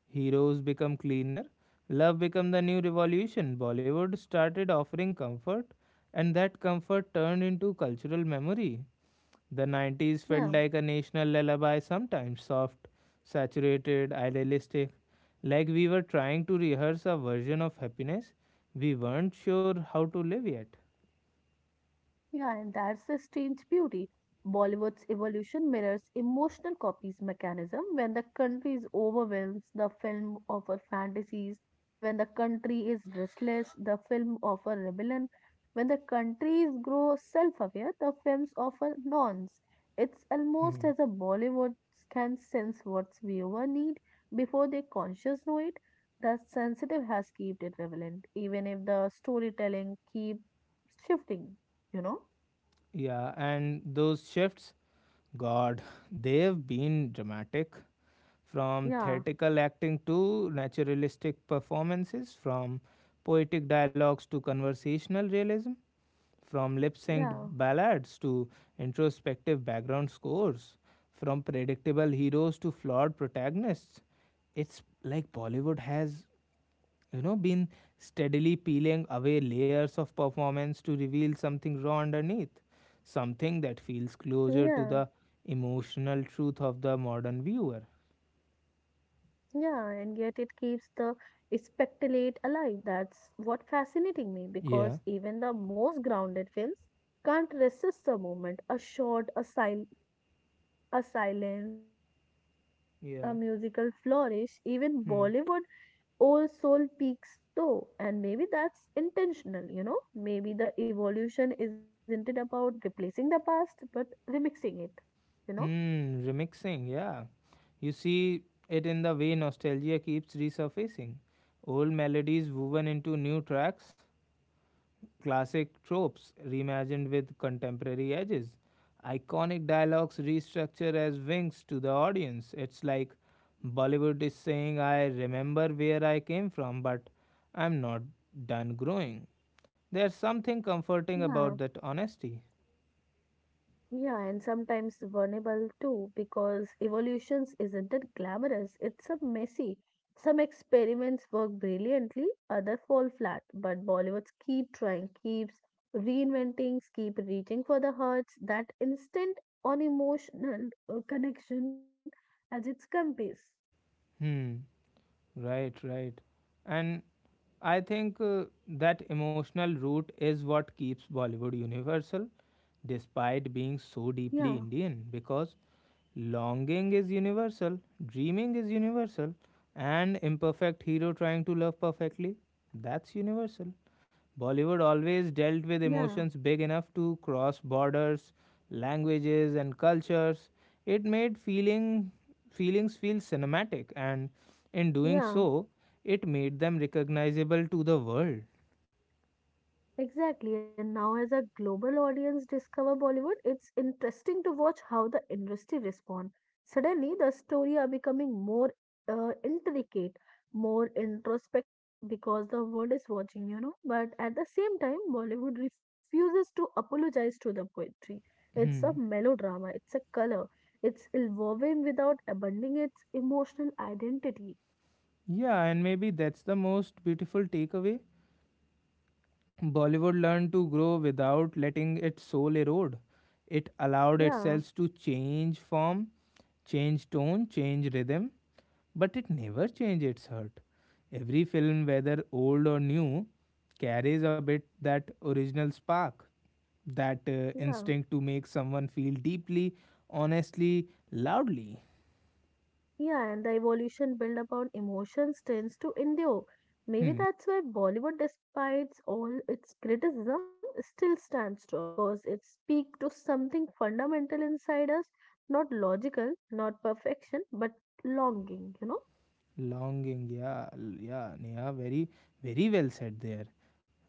heroes become cleaner, love become the new revolution. Bollywood started offering comfort, and that comfort turned into cultural memory. The 90s yeah. felt like a national lullaby sometimes, soft, saturated, idealistic, like we were trying to rehearse a version of happiness we weren't sure how to live yet. Yeah, and that's the strange beauty. Bollywood's evolution mirrors emotional copies mechanism. When the country is overwhelmed, the film offers fantasies. When the country is restless, the film offers rebellion. When the countries grow self-aware, the films offer nonce. It's almost as a *laughs* Bollywood can sense what viewer need before they conscious know it. The sensitive has kept it relevant, even if the storytelling keeps shifting, you know? Yeah, and those shifts, God, they've been dramatic. From Yeah, theatrical acting to naturalistic performances, from poetic dialogues to conversational realism, from lip synced yeah, ballads to introspective background scores, from predictable heroes to flawed protagonists. It's like Bollywood has, you know, been steadily peeling away layers of performance to reveal something raw underneath, something that feels closer to yeah, the emotional truth of the modern viewer. yeah, and yet it keeps the spectaclate alive. That's what fascinating me Yeah, because even the most grounded films can't resist a moment, a shot, a silence, a yeah. musical flourish. Even Hmm. Bollywood old soul peaks though, and maybe that's intentional, you know? Maybe the evolution isn't it about replacing the past, but remixing it, you know? Hmm, remixing, yeah, you see it in the way nostalgia keeps resurfacing, old melodies woven into new tracks. Classic tropes reimagined with contemporary edges. Iconic dialogues restructured as winks to the audience. It's like Bollywood is saying, I remember where I came from, but I'm not done growing. There's something comforting Yeah, about that honesty. Yeah, and sometimes vulnerable too, because evolutions isn't it glamorous? It's a messy. Some experiments work brilliantly, other fall flat. But Bollywoods keep trying, keeps reinventing, keep reaching for the hearts, that instant on emotional connection as its compass. Hmm, right, right. And I think that emotional root is what keeps Bollywood universal despite being so Yeah, deeply Indian because longing is universal, dreaming is universal, and imperfect hero trying to love perfectly, that's universal. Bollywood always dealt with yeah, emotions big enough to cross borders, languages, and cultures. It made feelings feel cinematic, and in doing yeah. so, it made them recognizable to the world. Exactly, and now as a global audience discover Bollywood, it's interesting to watch how the industry respond. Suddenly, the story are becoming more intricate, more introspective because the world is watching, you know. But at the same time, Bollywood refuses to apologize to the poetry. It's a Hmm. melodrama. It's a color. It's evolving without abandoning its emotional identity. Yeah, and maybe that's the most beautiful takeaway. Bollywood learned to grow without letting its soul erode. It allowed Yeah, itself to change form, change tone, change rhythm, but it never changed its heart. Every film, whether old or new, carries a bit that original spark, that yeah. instinct to make someone feel deeply, honestly, loudly. Yeah, and the evolution built upon emotions tends to endure. Maybe Hmm. that's why Bollywood, despite all its criticism, still stands strong because it speaks to something fundamental inside us, not logical, not perfection, but longing, you know? Longing, yeah, yeah, Neha, very well said there.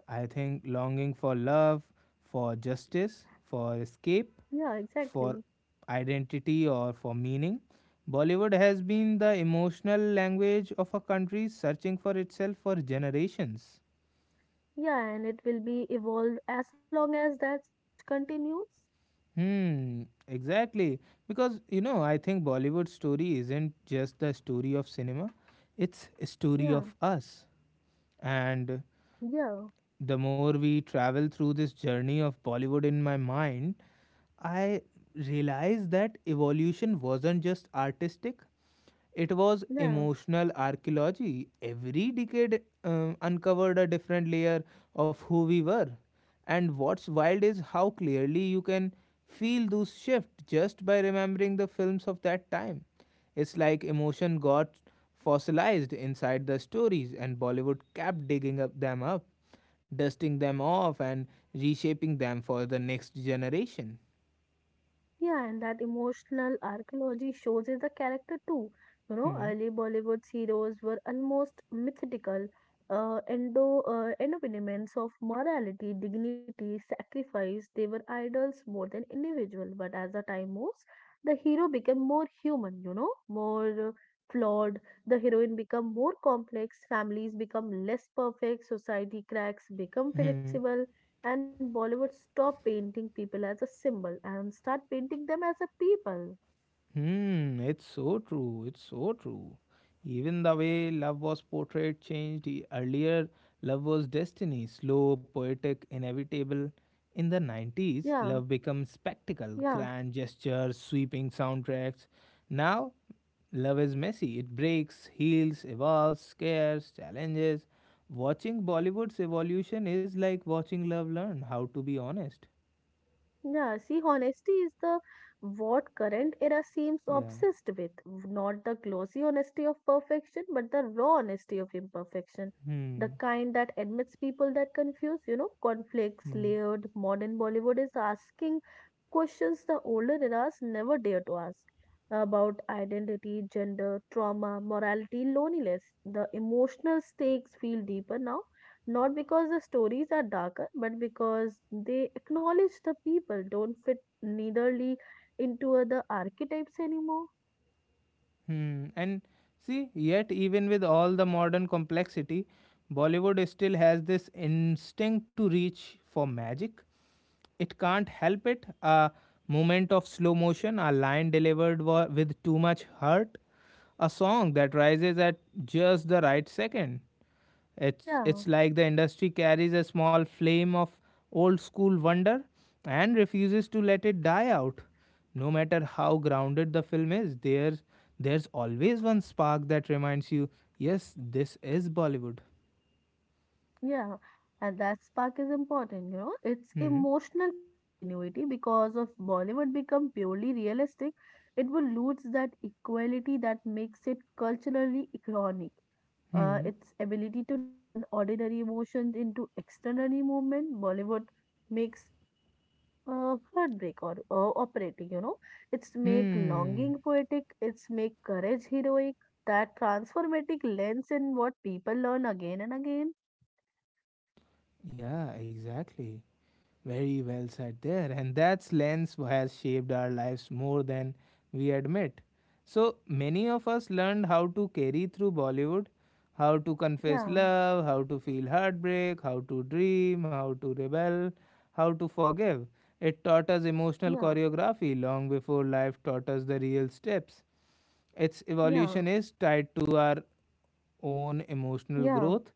I think longing for love, for justice, for escape, Yeah, exactly. for identity, or for meaning. Bollywood has been the emotional language of a country searching for itself for generations. Yeah, and it will be evolved as long as that search continues. Hmm, exactly. Because, you know, I think Bollywood story isn't just the story of cinema, it's a story Yeah, of us. And yeah, the more we travel through this journey of Bollywood in my mind, I realized that evolution wasn't just artistic, it was yeah. emotional archaeology. Every decade uncovered a different layer of who we were. And what's wild is how clearly you can feel those shifts just by remembering the films of that time. It's like emotion got fossilized inside the stories, and Bollywood kept digging up them up, dusting them off, and reshaping them for the next generation. Yeah, and that emotional archaeology shows in the character too. You know, Hmm. early Bollywood heroes were almost mythical. Endo Embodiments of morality, dignity, sacrifice. They were idols more than individual. But as the time moves, the hero became more human. You know, more flawed. The heroine become more complex. Families become less perfect. Society cracks become Hmm. flexible and Bollywood stop painting people as a symbol and start painting them as a people. Hmm. It's so true. It's so true. Even the way love was portrayed changed. Earlier, love was destiny, slow, poetic, inevitable. In the 90s, Yeah, love becomes spectacle, yeah, grand gestures, sweeping soundtracks. Now, love is messy. It breaks, heals, evolves, scares, challenges. Watching Bollywood's evolution is like watching love learn how to be honest. yeah. See, honesty is the what current era seems Yeah. obsessed with. Not the glossy honesty of perfection, but the raw honesty of imperfection. The Hmm. kind that admits people that confuse, you know, conflicts, Hmm. layered. Modern Bollywood is asking questions the older eras never dare to ask about identity, gender, trauma, morality, loneliness. The emotional stakes feel deeper now, not because the stories are darker, but because they acknowledge the people don't fit neitherly into other archetypes anymore. Hmm. And see, yet even with all the modern complexity, Bollywood still has this instinct to reach for magic. It can't help it. A moment of slow motion, a line delivered with too much heart, a song that rises at just the right second. It's Yeah. it's like the industry carries a small flame of old school wonder and refuses to let it die out. No matter how grounded the film is, there's always one spark that reminds you, yes, this is Bollywood. Yeah, and that spark is important, you know. It's Hmm. emotional continuity because if Bollywood become purely realistic, it will lose that equality that makes it culturally iconic. Hmm. Its ability to turn ordinary emotions into extraordinary movement, Bollywood makes heartbreak or operatic, you know. It's make Hmm. longing poetic, it's make courage heroic. That transformative lens in what people learn again and again. Yeah, exactly. Very well said there. And that lens has shaped our lives more than we admit. So many of us learned how to carry through Bollywood, how to confess Yeah, love, how to feel heartbreak, how to dream, how to rebel, how to forgive. It taught us emotional yeah. choreography long before life taught us the real steps. Its Yeah, evolution is tied to our own emotional yeah, growth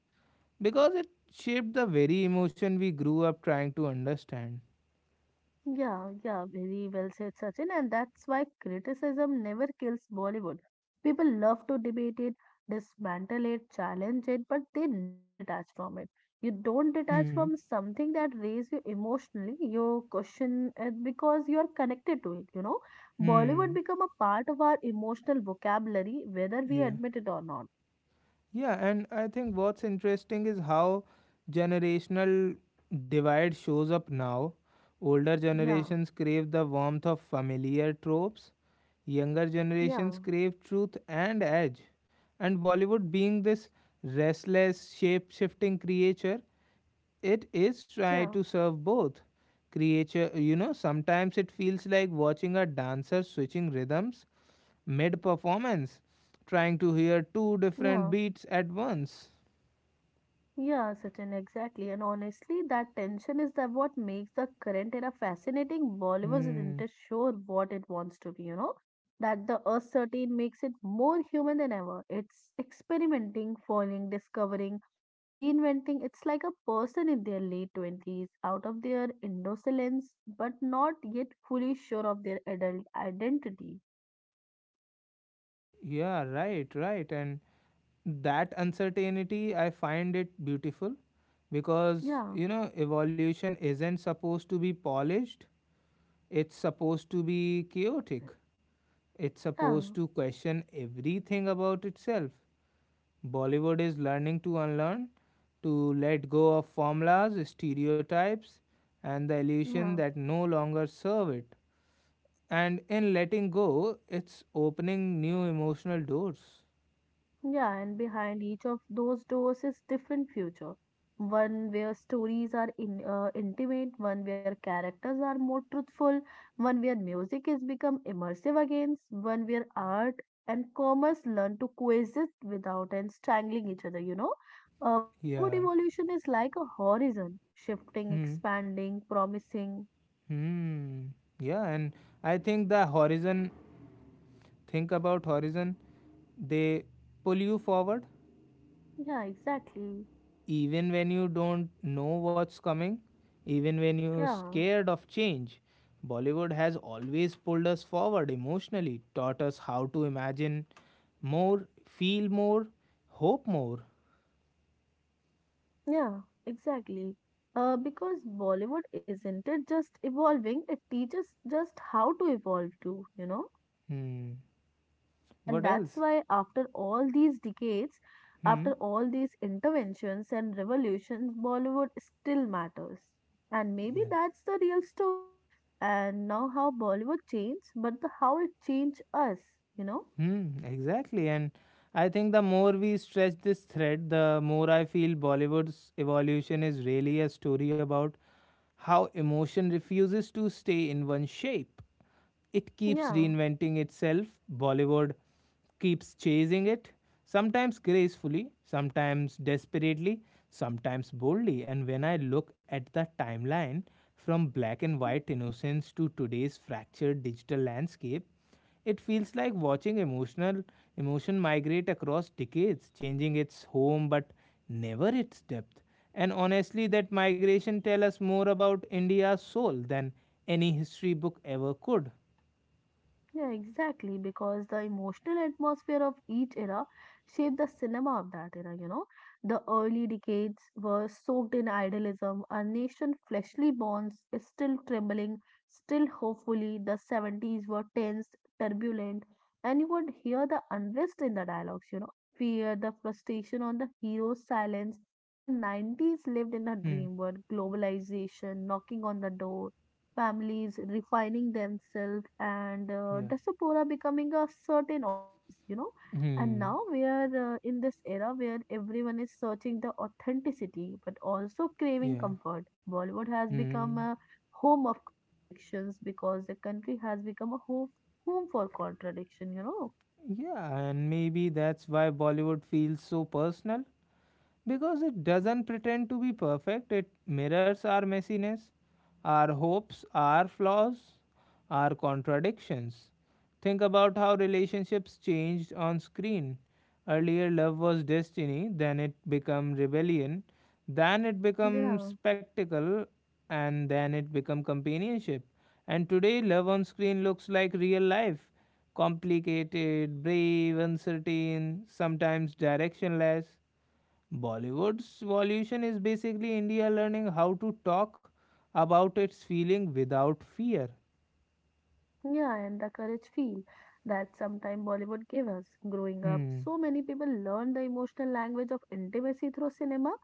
because it shaped the very emotion we grew up trying to understand. yeah. Very well said, Sachin. And that's why criticism never kills Bollywood. People love to debate it, dismantle it, challenge it, but they never detach from it. You don't detach Hmm. from something that raises you emotionally. You question it because you are connected to it. You know, Bollywood Hmm. become a part of our emotional vocabulary, whether we Yeah. admit it or not. Yeah, and I think what's interesting is how generational divide shows up now. Older Yeah, generations crave the warmth of familiar tropes, younger generations yeah, crave truth and edge. And Bollywood being this restless, shape-shifting creature, it is trying to yeah, serve both. Creature, you know, sometimes it feels like watching a dancer switching rhythms mid performance, trying to hear two different yeah. beats at once. Yeah, Sachin, exactly. And honestly, that tension is that what makes the current era fascinating. Bollywood isn't Hmm. sure what it wants to be, you know. That the uncertain makes it more human than ever. It's experimenting, falling, discovering, reinventing. It's like a person in their late 20s, out of their indolence, but not yet fully sure of their adult identity. Yeah, right. And that uncertainty, I find it beautiful because, Yeah, you know, evolution isn't supposed to be polished, it's supposed to be chaotic, it's yeah, supposed to question everything about itself. Bollywood is learning to unlearn, to let go of formulas, stereotypes, and the illusion yeah. that no longer serve it. And in letting go, it's opening new emotional doors. Yeah, and behind each of those doors is different future. One where stories are in, intimate, one where characters are more truthful, one where music has become immersive again, one where art and commerce learn to coexist without and strangling each other, you know. Bollywood Yeah. evolution is like a horizon, shifting, Hmm. expanding, promising. Hmm. Yeah, and I think the horizon, think about horizon, they pull you forward Yeah, exactly. even when you don't know what's coming, even when you're Yeah. scared of change. Bollywood has always pulled us forward emotionally, taught us how to imagine more, feel more, hope more. Yeah, exactly. Because Bollywood isn't it just evolving, it teaches just how to evolve too, you know? Hmm. And What that's else? why after all these decades, Hmm. after all these interventions and revolutions, Bollywood still matters. And Yeah. maybe that's the real story. And now how Bollywood changed, but the how it changed us, you know? Hmm, exactly. And I think the more we stretch this thread, the more I feel Bollywood's evolution is really a story about how emotion refuses to stay in one shape it keeps Yeah, reinventing itself. Bollywood keeps chasing it, sometimes gracefully, sometimes desperately, sometimes boldly. And when I look at the timeline from black and white yeah. innocence to today's fractured digital landscape, it feels like watching emotion migrate across decades, changing its home but never its depth. And honestly, that migration tells us more about India's soul than any history book ever could. Yeah, exactly, because the emotional atmosphere of each era shaped the cinema of that era, you know. The early decades were soaked in idealism, a nation fleshly bonds is still trembling, still hopefully. The 70s were tense, turbulent, and you would hear the unrest in the dialogues, you know. Fear, the frustration on the hero's silence. The 90s lived in a Hmm. dream world, globalization knocking on the door, families refining themselves and Yeah. diaspora becoming a certain audience, you know. And Hmm. now we are in this era where everyone is searching the authenticity but also craving Yeah. comfort. Bollywood has become Hmm. a home of contradictions because the country has become a home for contradiction, you know. Yeah. And maybe that's why Bollywood feels so personal, because it Yeah, doesn't pretend to be perfect, it mirrors our messiness, our hopes, our flaws, our contradictions. Think about how relationships changed on screen. Earlier, love was destiny, then it became rebellion, then it became yeah. spectacle, and then it became companionship. And today, love on screen looks like real life complicated, brave, uncertain, sometimes directionless. Bollywood's evolution is basically India learning how to talk about its feeling without fear. Yeah, and the courage feel that sometime Bollywood gave us. Growing up, Hmm. so many people learn the emotional language of intimacy through cinema.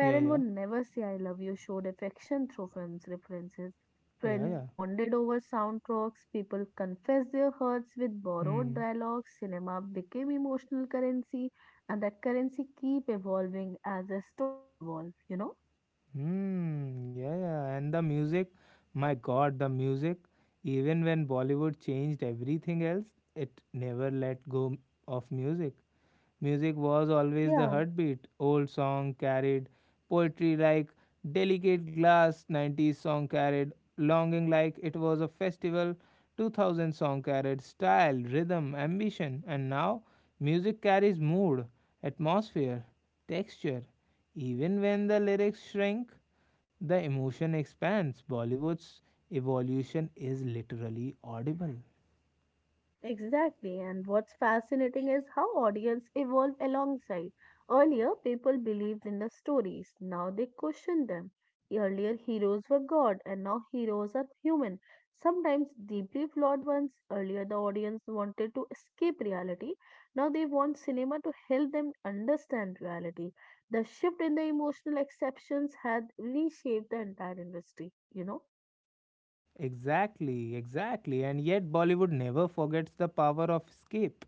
Would Yeah. never say I love you, showed affection through films references. Friends Yeah. bonded over soundtracks, people confessed their hurts with borrowed Hmm. dialogues, cinema became emotional currency, and that currency keep evolving as the story evolves, you know? Hmm. Yeah. And the music, my God, the music. Even when Bollywood changed everything else, it never let go of music. Music was always the Yeah, heartbeat. Old song carried poetry like delicate glass, 90s song carried longing like it was a festival, 2000 song carried style, rhythm, ambition, and now music carries mood, atmosphere, texture. yeah. Even when the lyrics shrink, the emotion expands. Bollywood's evolution is literally audible. Exactly, and what's fascinating is how audience evolve alongside. Earlier, people believed in the stories, now they question them. Earlier, heroes were God, and now heroes are human, sometimes deeply flawed ones. Earlier, the audience wanted to escape reality, now they want cinema to help them understand reality. The shift in the emotional exceptions had reshaped the entire industry, you know? Exactly, exactly. And yet, Bollywood never forgets the power of escape.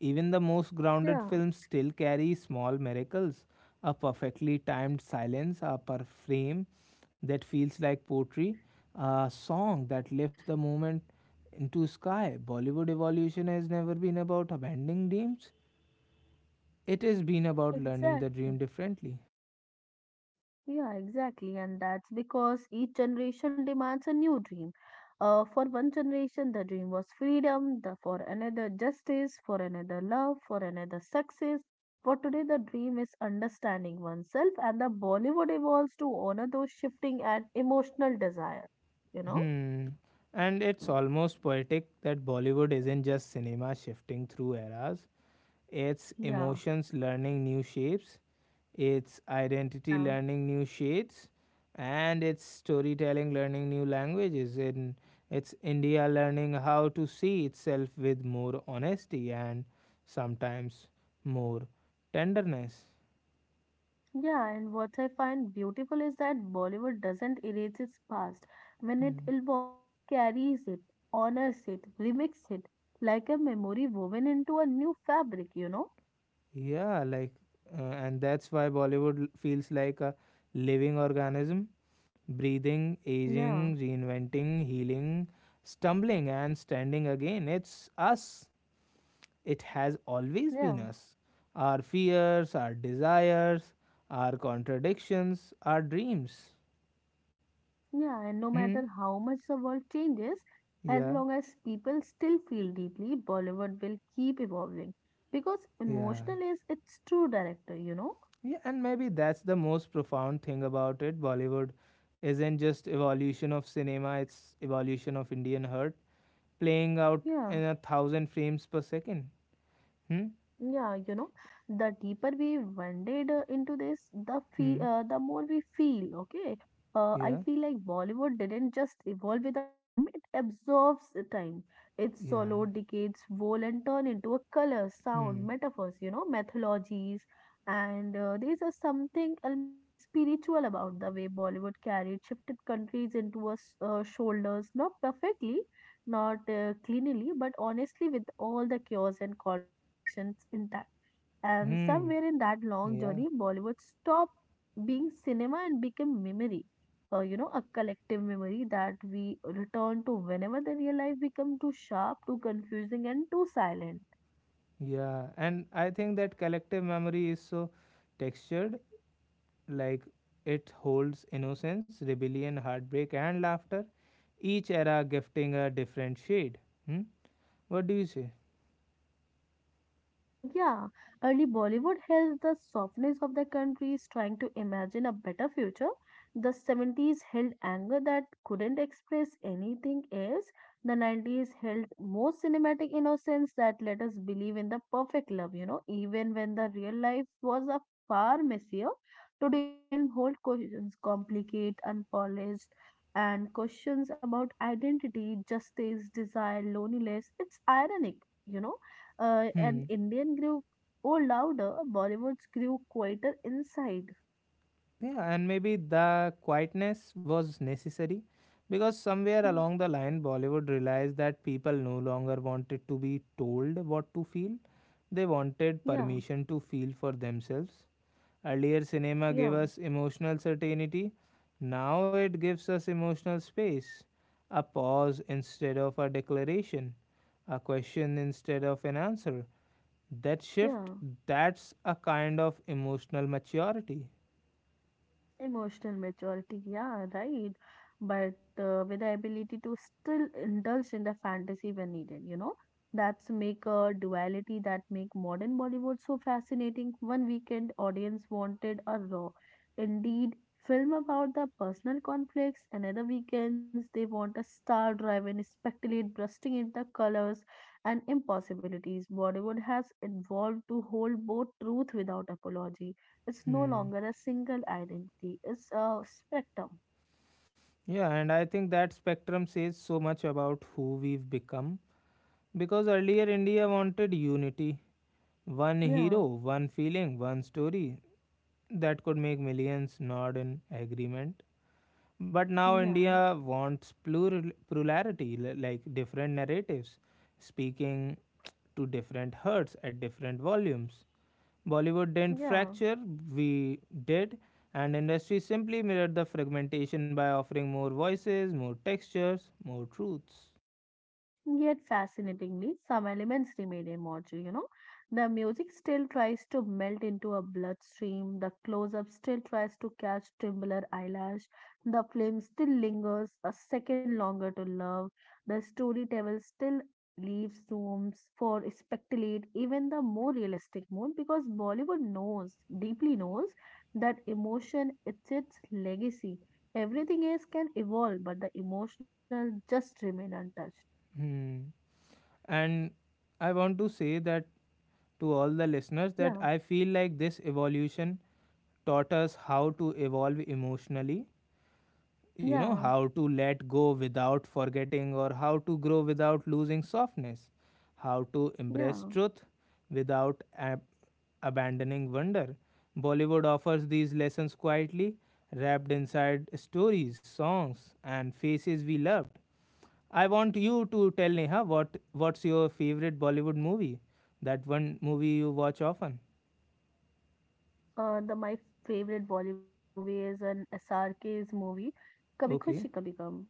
Even the most grounded Yeah, films still carry small miracles, a perfectly timed silence, a per frame that feels like poetry, a song that lifts the moment into sky. Bollywood evolution has never been about abandoning dreams, it has been about learning the exactly. dream differently. Yeah, exactly. And that's because each generation demands a new dream. For one generation, the dream was freedom, the, for another, justice, for another, love, for another, success. For today, the dream is understanding oneself, and the Bollywood evolves to honor those shifting and emotional desire. You know? Hmm. And it's almost poetic that Bollywood isn't just cinema shifting through eras, it's Yeah, emotions learning new shapes, it's identity yeah. learning new shades, and it's storytelling learning new languages. And it's India learning how to see itself with more honesty and sometimes more tenderness. Yeah, and what I find beautiful is that Bollywood doesn't erase its past. When it Hmm. evolves, it carries it, honors it, remixes it, like a memory woven into a new fabric, you know? Yeah, like, and that's why Bollywood feels like a living organism, breathing, aging, Yeah, reinventing, healing, stumbling, and standing again. It's us. It has always been yeah, us. Our fears, our desires, our contradictions, our dreams. yeah. And no Hmm. matter how much the world changes, as Yeah, long as people still feel deeply, Bollywood will keep evolving because yeah. emotional is its true director, you know? Yeah, and maybe that's the most profound thing about it. Bollywood isn't just evolution of cinema, it's evolution of Indian heart, playing out Yeah. in a thousand frames per second. Hmm? Yeah, you know, the deeper we wended into this, the Hmm. The more we feel. Okay, I Yeah. feel like Bollywood didn't just evolve with the time; it absorbs the time. It Yeah. swallowed decades whole and turned into a color, sound, Hmm. metaphors. You know, mythologies, and there's a something almost spiritual about the way Bollywood carried shifted countries into us shoulders, not perfectly, not cleanly, but honestly, with all the chaos and contradictions intact. And Hmm. somewhere in that long Yeah. journey, Bollywood stopped being cinema and became memory. You know, a collective memory that we return to whenever the real life become too sharp, too confusing, and too silent. Yeah. And I think that collective memory is so textured. Like it holds innocence, rebellion, heartbreak, and laughter, each era gifting a different shade. Hmm? What do you say? Yeah, early Bollywood held the softness of the countries trying to imagine a better future. The 70s held anger that couldn't express anything else. The 90s held more cinematic innocence that let us believe in the perfect love, you know, even when the real life was a far messier. Today's film hold questions complicate, unpolished, and questions about identity, justice, desire, loneliness. It's ironic, you know. And Hmm. Indian grew oh louder, Bollywood's grew quieter inside. Yeah, and maybe the quietness was necessary because somewhere along the Yeah, line, Bollywood realized that people no longer wanted to be told what to feel, they wanted yeah, permission to feel for themselves. Earlier, cinema gave yeah, us emotional certainty. Now it gives us emotional space. A pause instead of a declaration. A question instead of an answer. That yeah. shift, that's a kind of emotional maturity. Emotional maturity, yeah, right. But with the ability to still indulge in the fantasy when needed, you know, that's make a duality that make modern Bollywood so fascinating. One weekend audience wanted a raw, indeed, film about the personal conflicts. Another weekends they want a star-driven, speculate, bursting in the colors and impossibilities. Bollywood has evolved to hold both truth without apology. It's no Hmm. longer a single identity. It's a spectrum. Yeah, and I think that spectrum says so much about who we've become. Because earlier, India wanted unity, one Yeah, hero, one feeling, one story that could make millions nod in agreement. But now yeah, India wants plural, plurality, like different narratives, speaking to different herds at different volumes. Bollywood didn't yeah. fracture, we did, and industry simply mirrored the fragmentation by offering more voices, more textures, more truths. Yet, fascinatingly, some elements remain immortal, you know. The music still tries to melt into a bloodstream, the close up still tries to catch tubular eyelash, the flame still lingers a second longer to love, the storyteller still leaves rooms for speculate, even the more realistic mood, because Bollywood knows, deeply knows, that emotion is its legacy. Everything else can evolve, but the emotional just remain untouched. Hmm. And I want to say that to all the listeners that Yeah. I feel like this evolution taught us how to evolve emotionally, you know, Yeah, how to let go without forgetting or how to grow without losing softness, how to yeah. embrace truth without abandoning wonder. Bollywood offers these lessons quietly, wrapped inside stories, songs, and faces we loved. I want you to tell Neha what's your favorite Bollywood movie, that one movie you watch often. The my favorite Bollywood movie is an SRK's movie, Kabhi Okay. Khushi Kabhi Gum.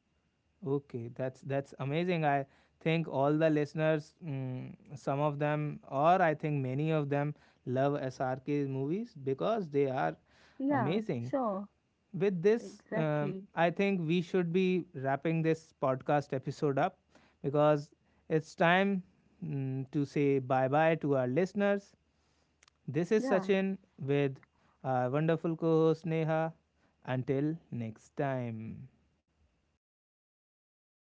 Okay, that's amazing. I think all the listeners, mm, some of them, or I think many of them, love SRK movies because they are Yeah, amazing. sure, With this, exactly. I think we should be wrapping this podcast episode up because it's time, mm, to say bye bye to our listeners. This Yeah, is Sachin with our wonderful co host Neha. Until next time.